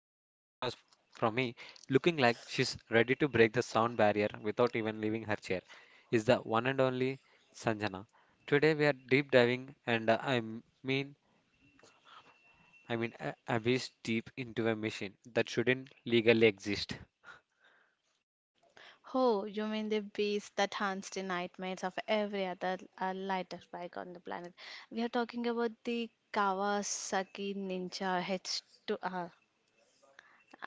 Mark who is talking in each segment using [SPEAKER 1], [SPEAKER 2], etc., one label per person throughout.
[SPEAKER 1] f- from me, looking like she's ready to break the sound barrier without even leaving her chair, is the one and only Sanjana. Today we are deep diving, and I m- mean, I mean, abyss deep into a machine that shouldn't legally exist.
[SPEAKER 2] Oh, you mean the beast that haunts the nightmares of every other light up bike on the planet? We are talking about the Kawasaki Ninja H2R.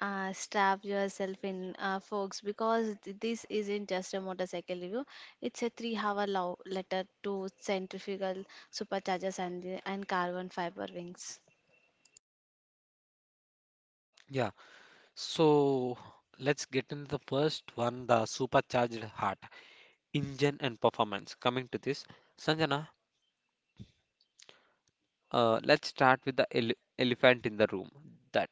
[SPEAKER 2] Strap yourself in, folks, because this isn't just a motorcycle review. It's a three-hour love letter to centrifugal superchargers and carbon fiber wings.
[SPEAKER 1] Yeah, so let's get into the first one, the supercharged heart, engine and performance. Coming to this, Sanjana, let's start with the elephant in the room. That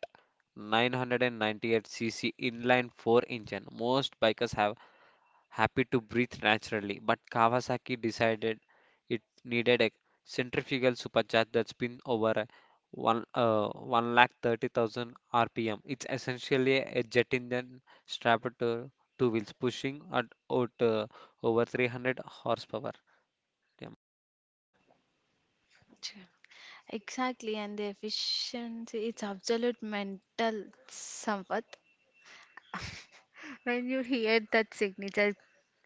[SPEAKER 1] 998 cc inline 4 engine. Most bikers have happy to breathe naturally, but Kawasaki decided it needed a centrifugal supercharge that spin over a one uh, 1,30,000 RPM. It's essentially a jet engine strapped to two wheels, pushing at out, over 300 horsepower. Yeah.
[SPEAKER 2] Chh. Exactly, and the efficiency, it's absolute mental, Sampath. When you hear that signature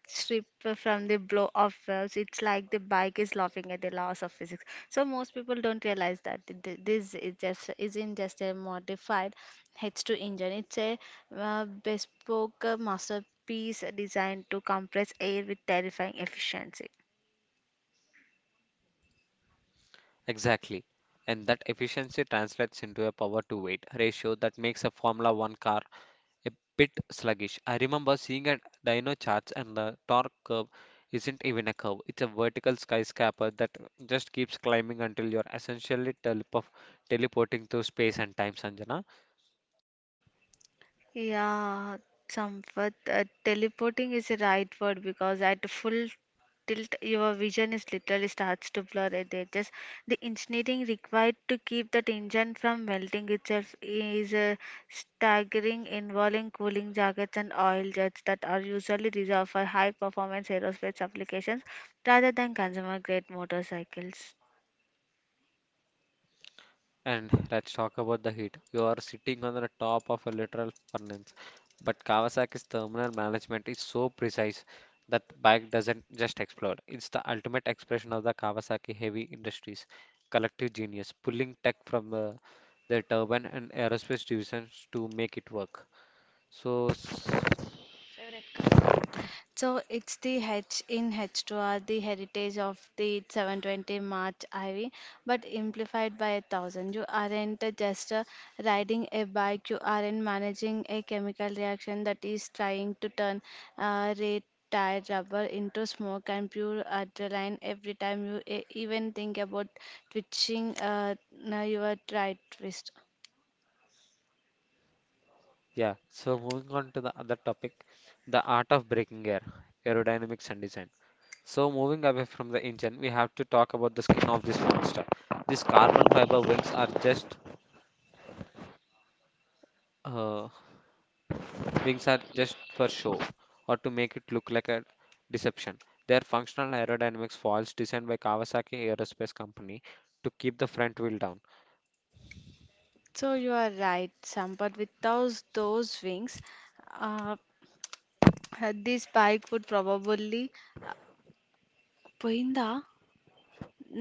[SPEAKER 2] strip from the blow off valves, it's like the bike is laughing at the laws of physics. So most people don't realize that th- th- this is just isn't just a modified H2 engine. It's a bespoke masterpiece designed to compress air with terrifying efficiency.
[SPEAKER 1] Exactly. And that efficiency translates into a power to weight ratio that makes a Formula One car a bit sluggish. I remember seeing a dyno charts and the torque curve isn't even a curve. It's a vertical skyscraper that just keeps climbing until you're essentially teleporting through space and time, Sanjana.
[SPEAKER 2] Yeah, Sampath, teleporting is the right word because at full tilt, your vision is literally starts to blur at the edges. The engineering required to keep that engine from melting itself is staggering, involving cooling jackets and oil jets that are usually reserved for high performance aerospace applications rather than consumer grade motorcycles.
[SPEAKER 1] And let's talk about the heat. You are sitting on the top of a literal furnace, but Kawasaki's thermal management is so precise that bike doesn't just explode. It's the ultimate expression of the Kawasaki Heavy Industries collective genius, pulling tech from their turbine and aerospace divisions to make it work. So, s-
[SPEAKER 2] So it's the H in H2R, the heritage of the 720 March IV, but amplified by a thousand. You aren't just riding a bike, you aren't managing a chemical reaction that is trying to turn red tire rubber into smoke and pure adrenaline every time you even think about twitching now your right wrist.
[SPEAKER 1] yeah, so moving on to the other topic, the art of breaking air, aerodynamics and design. So, moving away from the engine, we have to talk about the skin of this monster. These carbon fiber wings are just uh, Wings are just for show or to make it look like a deception. They are functional aerodynamics foils designed by Kawasaki Aerospace Company to keep the front wheel down.
[SPEAKER 2] So you are right, Sam, but without those wings, uh, this bike would probably Poinda?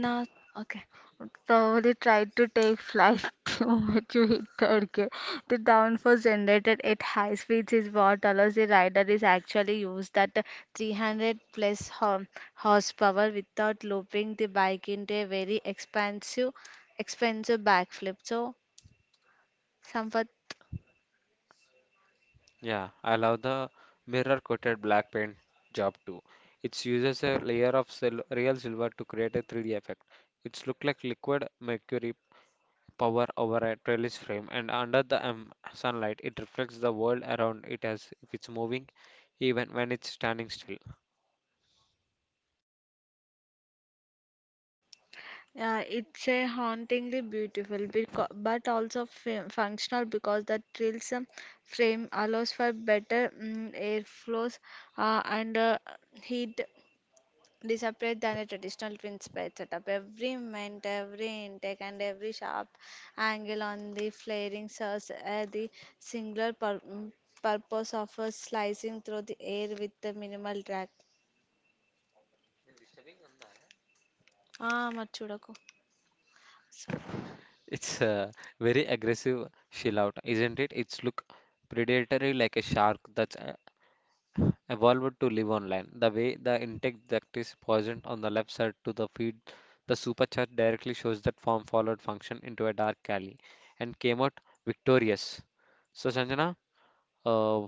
[SPEAKER 2] Na, okay. Would probably try to take flight too to hit target. The downforce generated at high speeds is what allows the rider is actually use that 300 plus horsepower without looping the bike into a very expansive, expensive backflip. So, somewhat.
[SPEAKER 1] Yeah, I love the mirror coated black paint job too. It uses a layer of sil real silver to create a 3D effect. It's look like liquid mercury power over a trellis frame, and under the sunlight, it reflects the world around it as if it's moving, even when it's standing still.
[SPEAKER 2] Yeah, it's a hauntingly beautiful, but also functional because the trills frame allows for better airflows and heat dissipate than a traditional twin spade setup. Every vent, every intake, and every sharp angle on the flaring serves the singular purpose of slicing through the air with the minimal drag. Ah, మర్చిపోకు.
[SPEAKER 1] It's a very aggressive shell out, isn't it? It's look predatory like a shark that's evolved to live on land. The way the intake duct is poisoned on the left side to the feed, the supercharge directly shows that form followed function into a dark alley and came out victorious. So, Sanjana, uh,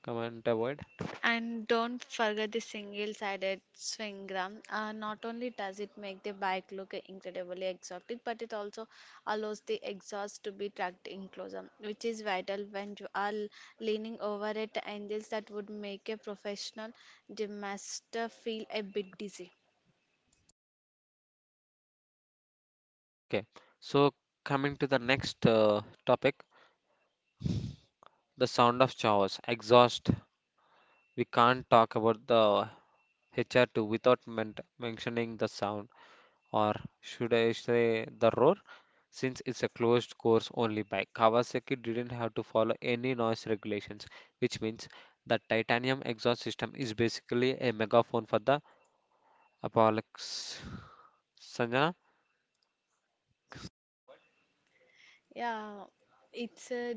[SPEAKER 1] comment avoid.
[SPEAKER 2] And don't forget the single-sided swing arm. Not only does it make the bike look incredibly exotic, but it also allows the exhaust to be tucked in closer, which is vital when you are leaning over at angles that would make a professional gymnast feel a bit dizzy.
[SPEAKER 1] Okay, so coming to the next topic, the sound of chaos, exhaust. We can't talk about the HR2 without mentioning the sound, or should I say the roar, since it's a closed course only bike. Kawasaki didn't have to follow any noise regulations, which means the titanium exhaust system is basically a megaphone for the Apollo.
[SPEAKER 2] Yeah, it's a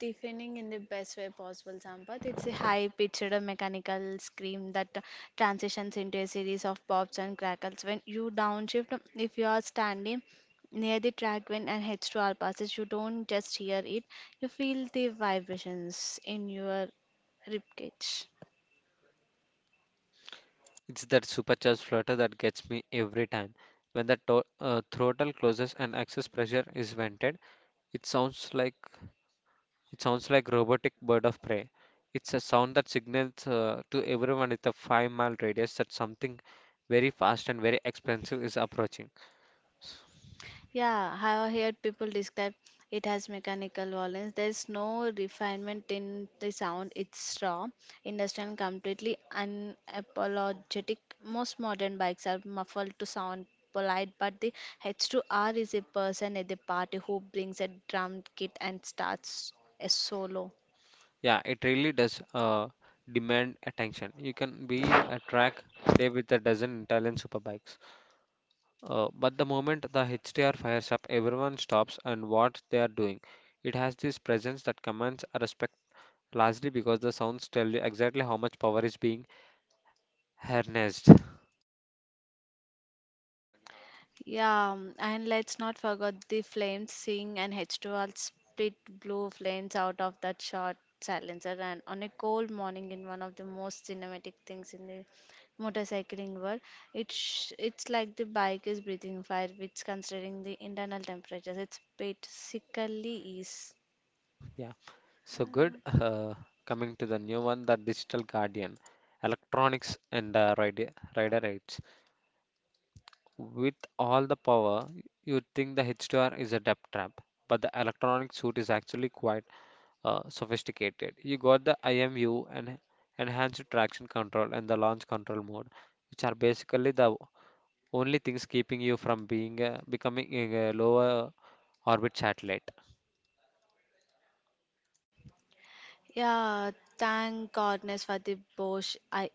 [SPEAKER 2] deafening in the best way possible, Sampath. It's a high-pitched mechanical scream that transitions into a series of pops and crackles. When you downshift, if you are standing near the track when an H2R passes, you don't just hear it, you feel the vibrations in your ribcage.
[SPEAKER 1] It's that supercharged flutter that gets me every time. When the throttle closes and excess pressure is vented, it sounds like it sounds like robotic bird of prey. It's a sound that signals to everyone with a 5 mile radius that something very fast and very expensive is approaching.
[SPEAKER 2] Yeah, I have heard people describe it as mechanical violence. There's no refinement in the sound. It's raw, industrial, and completely unapologetic. Most modern bikes are muffled to sound polite, but the H2R is a person at the party who brings a drum kit and starts a solo.
[SPEAKER 1] Yeah, it really does demand attention. You can be a track day with a dozen Italian superbikes. But the moment the HTR fires up, everyone stops and what they are doing. It has this presence that commands a respect, largely because the sounds tell you exactly how much power is being harnessed.
[SPEAKER 2] Yeah, and let's not forget the flames sing and h 20 spit blue flames out of that short silencer. And on a cold morning, in one of the most cinematic things in the motorcycling world, it's like the bike is breathing fire, which considering the internal temperatures, it's bit sickly is.
[SPEAKER 1] Yeah, so good. Coming to the new one, the Digital Guardian, electronics and rider rates. With all the power, you'd think the HTR is a depth trap, but the electronic suit is actually quite sophisticated. You got the IMU and enhanced traction control and the launch control mode, which are basically the only things keeping you from being becoming a lower orbit satellite.
[SPEAKER 2] Yeah, thank goodness for the Bosch I-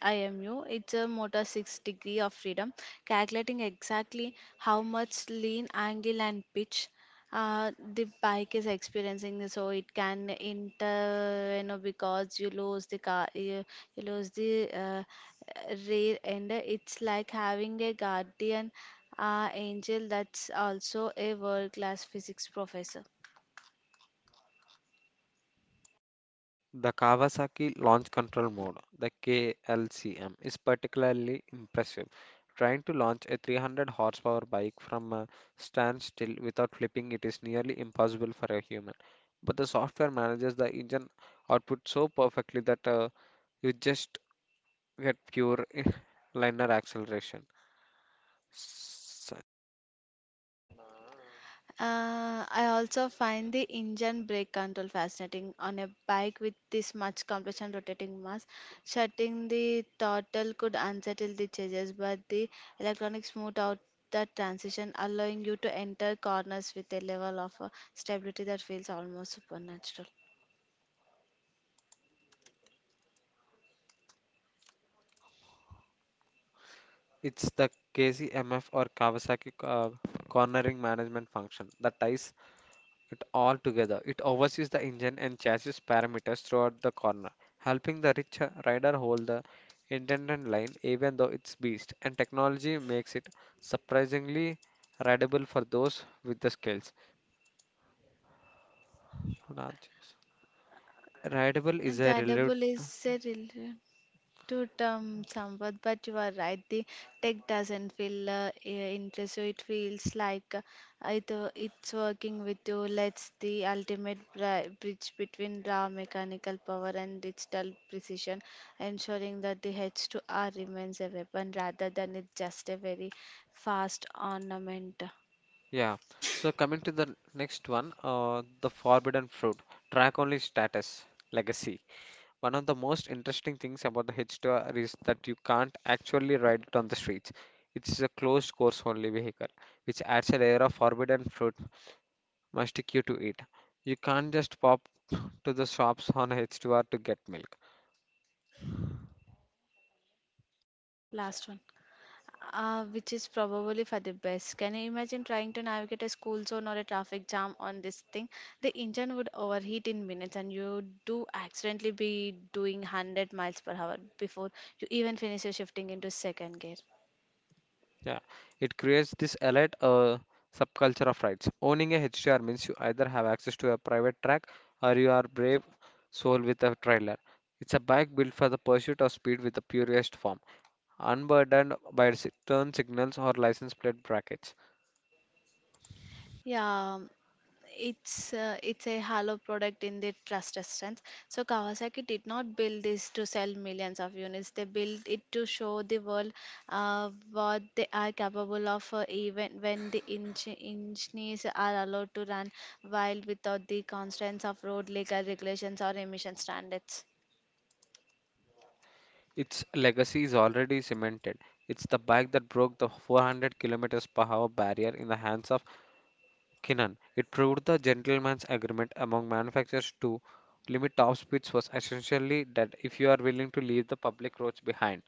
[SPEAKER 2] IMU. It's a motor 6 degree of freedom, calculating exactly how much lean angle and pitch the bike is experiencing so it can inter you know because you lose the car you lose the rear end. It's like having a guardian angel that's also a world class physics professor.
[SPEAKER 1] The Kawasaki Launch Control Mode, the KLCM, is particularly impressive. Trying to launch a 300 horsepower bike from a standstill without flipping it is nearly impossible for a human. But the software manages the engine output so perfectly that you just get pure linear acceleration. S-
[SPEAKER 2] I also find the engine brake control fascinating on a bike with this much compression rotating mass. Shutting the throttle could unsettle the changes, but the electronics smooth out the transition, allowing you to enter corners with a level of stability that feels almost supernatural.
[SPEAKER 1] It's the KCMF or Kawasaki cornering management function that ties it all together. It oversees the engine and chassis parameters throughout the corner, helping the rich rider hold the intended line even though it's beast. And technology makes it surprisingly rideable for those with the skills. Not just- Rideable is a
[SPEAKER 2] The
[SPEAKER 1] relative.
[SPEAKER 2] double is a real. To term somewhat, but you are right. The tech doesn't feel interest you. It feels like it's working with you. Let's the ultimate bridge between raw mechanical power and digital precision, ensuring that the H2R remains a weapon rather than it's just a very fast ornament.
[SPEAKER 1] Yeah. So coming to the next one, the forbidden fruit, track only status, legacy. One of the most interesting things about the H2R is that you can't actually ride it on the streets. It's a closed course only vehicle, which adds a layer of forbidden fruit mustic you to eat. You can't just pop to the shops on H2R to get milk.
[SPEAKER 2] Last one. Which is probably for the best. Can you imagine trying to navigate a school zone or a traffic jam on this thing? The engine would overheat in minutes, and you do accidentally be doing 100 miles per hour before you even finish your shifting into second gear.
[SPEAKER 1] Yeah, it creates this elite subculture of rides. Owning a H2R means you either have access to a private track or you are brave soul with a trailer. It's a bike built for the pursuit of speed with the purest form, unburdened by turn signals or license plate brackets.
[SPEAKER 2] Yeah, it's it's a hollow product in the trust sense. So Kawasaki did not build this to sell millions of units. They built it to show the world what they are capable of, even when the engineers are allowed to run wild without the constraints of road legal regulations or emission standards.
[SPEAKER 1] Yeah, its legacy is already cemented. It's the bike that broke the 400 kilometers per hour barrier in the hands of Kinnan. It proved the gentleman's agreement among manufacturers to limit top speeds was essentially that if you are willing to leave the public roads behind.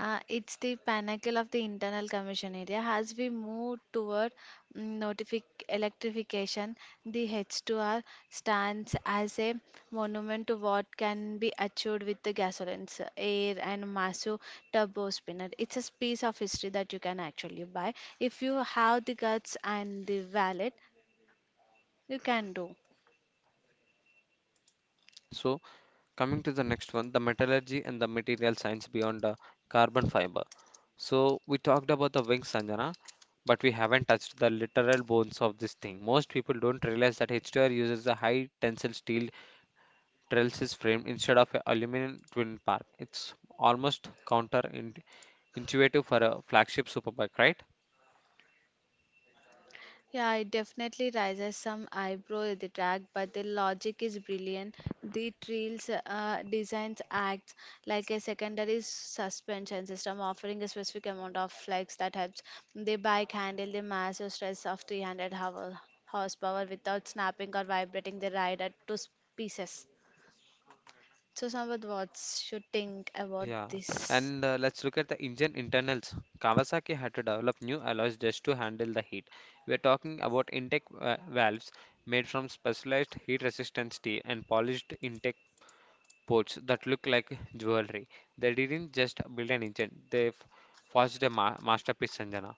[SPEAKER 2] It's the pinnacle of the internal combustion area. As we move toward electrification, the H2R stands as a monument to what can be achieved with the gasolines, air, and massive turbo spinner. It's a piece of history that you can actually buy. If you have the guts and the wallet, you can do.
[SPEAKER 1] So coming to the next one, the metallurgy and the material science beyond the carbon fiber. So we talked about the wings, Sanjana, but we haven't touched the literal bones of this thing. Most people don't realize that H2R uses a high tensile steel trellis frame instead of an aluminum twin part. It's almost counterintuitive for a flagship superbike, right?
[SPEAKER 2] Yeah, it definitely raises some eyebrow at the track, but the logic is brilliant. The trails designs acts like a secondary suspension system, offering a specific amount of flex that helps the bike handle the massive stress of horsepower without snapping or vibrating the rider to pieces. So, Sampath, what should think about
[SPEAKER 1] Yeah,
[SPEAKER 2] this?
[SPEAKER 1] and let's look at the engine internals. Kawasaki had to develop new alloys just to handle the heat. We're talking about intake valves made from specialized heat-resistant steel and polished intake ports that look like jewelry. They didn't just build an engine; they forged a ma masterpiece, Sanjana.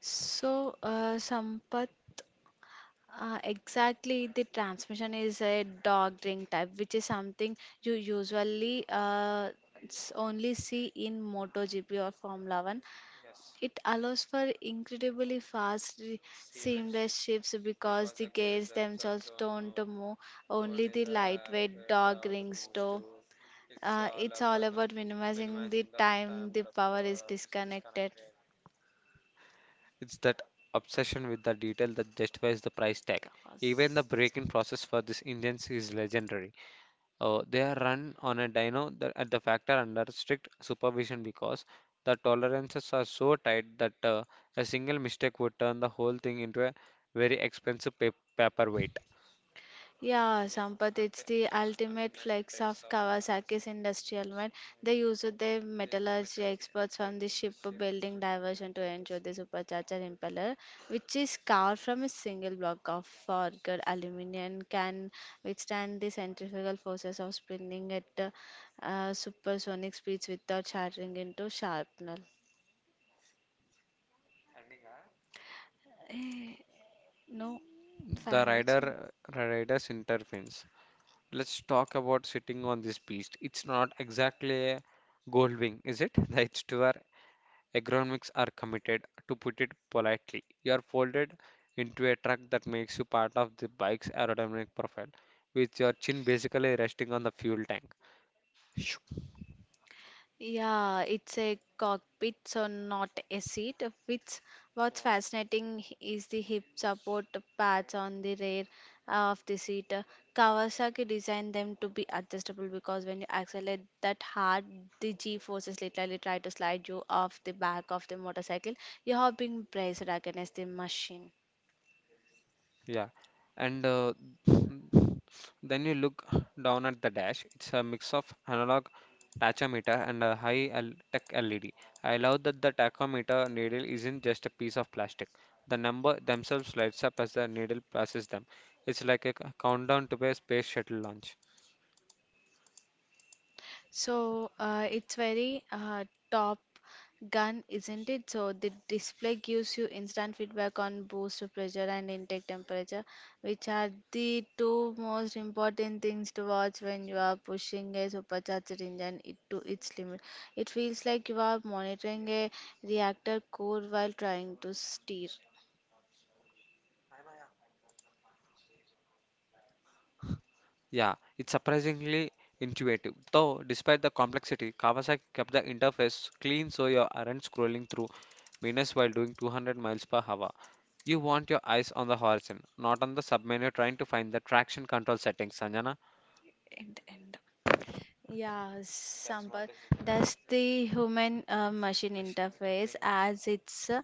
[SPEAKER 2] So, Sampath, exactly the transmission is a dog drink type, which is something you usually only see in MotoGP or Formula One. It allows for incredibly fast, seamless shifts because the gears themselves don't move, only the lightweight dog rings do. It's all about minimizing the time the power is disconnected.
[SPEAKER 1] It's that obsession with the detail that justifies the price tag.
[SPEAKER 2] Kawas-
[SPEAKER 1] Even the braking process for these engines is legendary. They are run on a dyno at the factor under strict supervision because the tolerances are so tight that a single mistake would turn the whole thing into a very expensive pa paperweight.
[SPEAKER 2] Yeah, Sampath, it's the ultimate flex of Kawasaki's industrial mind. They use their metallurgy experts from the shipbuilding diversion to ensure the supercharger impeller, which is carved from a single block of forged aluminum, can withstand the centrifugal forces of spinning at supersonic speeds without shattering into shrapnel. No,
[SPEAKER 1] The
[SPEAKER 2] 5 minutes.
[SPEAKER 1] rider's intervenes. Let's talk about sitting on this beast. It's not exactly a gold wing, is it? The H2R Agronomics are committed, to put it politely. You are folded into a truck that makes you part of the bike's aerodynamic profile, with your chin basically resting on the fuel tank. Shoo.
[SPEAKER 2] Yeah, it's a cockpit, so not a seat. Which what's fascinating is the hip support pads on the rear of the seat. Kawasaki designed them to be adjustable because when you accelerate that hard, the G forces literally try to slide you off the back of the motorcycle. You have been braced against the machine.
[SPEAKER 1] Yeah, and then you look down at the dash. It's a mix of analog tachometer and a tech LED. I love that the tachometer needle isn't just a piece of plastic. The number themselves lights up as the needle passes them. It's like a countdown to a space shuttle launch.
[SPEAKER 2] So it's very top gun, isn't it? So the display gives you instant feedback on boost pressure and intake temperature, which are the two most important things to watch when you are pushing a supercharged engine it to its limit. It feels like you are monitoring a reactor core while trying to steer.
[SPEAKER 1] Yeah, it's surprisingly intuitive. Though, despite the complexity, Kawasaki kept the interface clean so you aren't scrolling through menus while doing 200 miles per hour. You want your eyes on the horizon, not on the submenu trying to find the traction control settings, Sanjana.
[SPEAKER 2] End, end. Yeah, Sampath, that's the human machine interface as its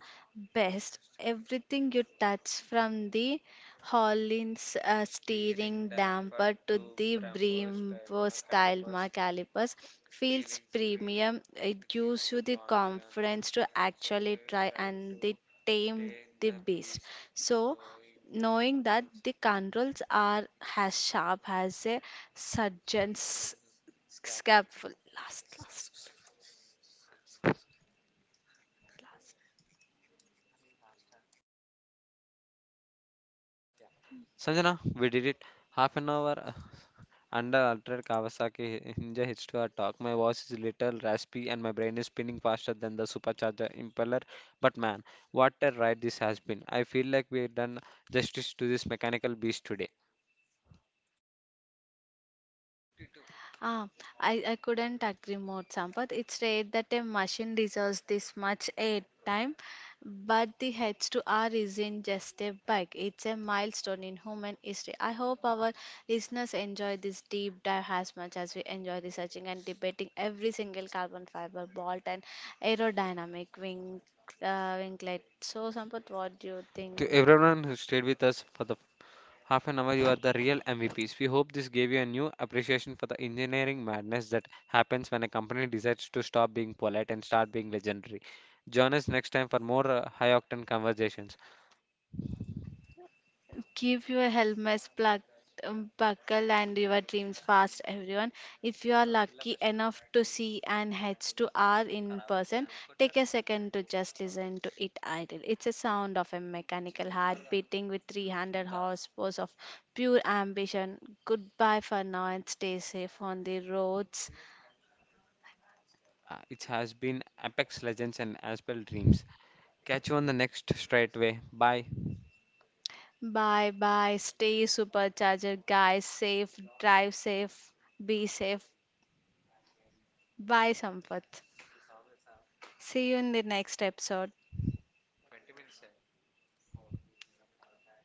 [SPEAKER 2] best. Everything you touch, from the hollins steering damper to the Brembo style mark calipers, feels premium. It gives you the confidence to actually try and the tame the beast. So, knowing that the controls are as sharp as a surgeon's Scapful, last, last.
[SPEAKER 1] Sanjana, we did it. Half an hour, under altered Kawasaki Ninja H2R talk, my voice is little raspy and my brain is spinning faster than the supercharger impeller. But man, what a ride this has been. I feel like we've done justice to this mechanical beast today.
[SPEAKER 2] Ah, I couldn't agree more, Sampath. It's rare that a machine deserves this much airtime, but the H2R isn't just a bug, it's a milestone in human history. I hope our listeners enjoy this deep dive as much as we enjoy researching and debating every single carbon fiber, bolt, and aerodynamic wing, winglet. So, Sampath, what do you
[SPEAKER 1] To
[SPEAKER 2] think?
[SPEAKER 1] everyone who stayed with us for the half an hour, you are the real MVPs. We hope this gave you a new appreciation for the engineering madness that happens when a company decides to stop being polite and start being legendary. Join us next time for more high octane conversations.
[SPEAKER 2] Keep your helmets plugged, buckle and your dreams fast, everyone. If you are lucky enough to see an H2R in person, take a second to just listen to it idle. It's a sound of a mechanical heart beating with 300 horsepower of pure ambition. Goodbye for now and stay safe on the roads.
[SPEAKER 1] Yeah, it has been Apex Legends and Asbel Dreams. Catch you on the next straightway. Bye.
[SPEAKER 2] Bye bye. Stay supercharger, guys. Safe, drive safe, be safe. Bye, Sampath. See you in the next episode.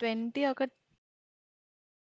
[SPEAKER 2] Twenty ఒక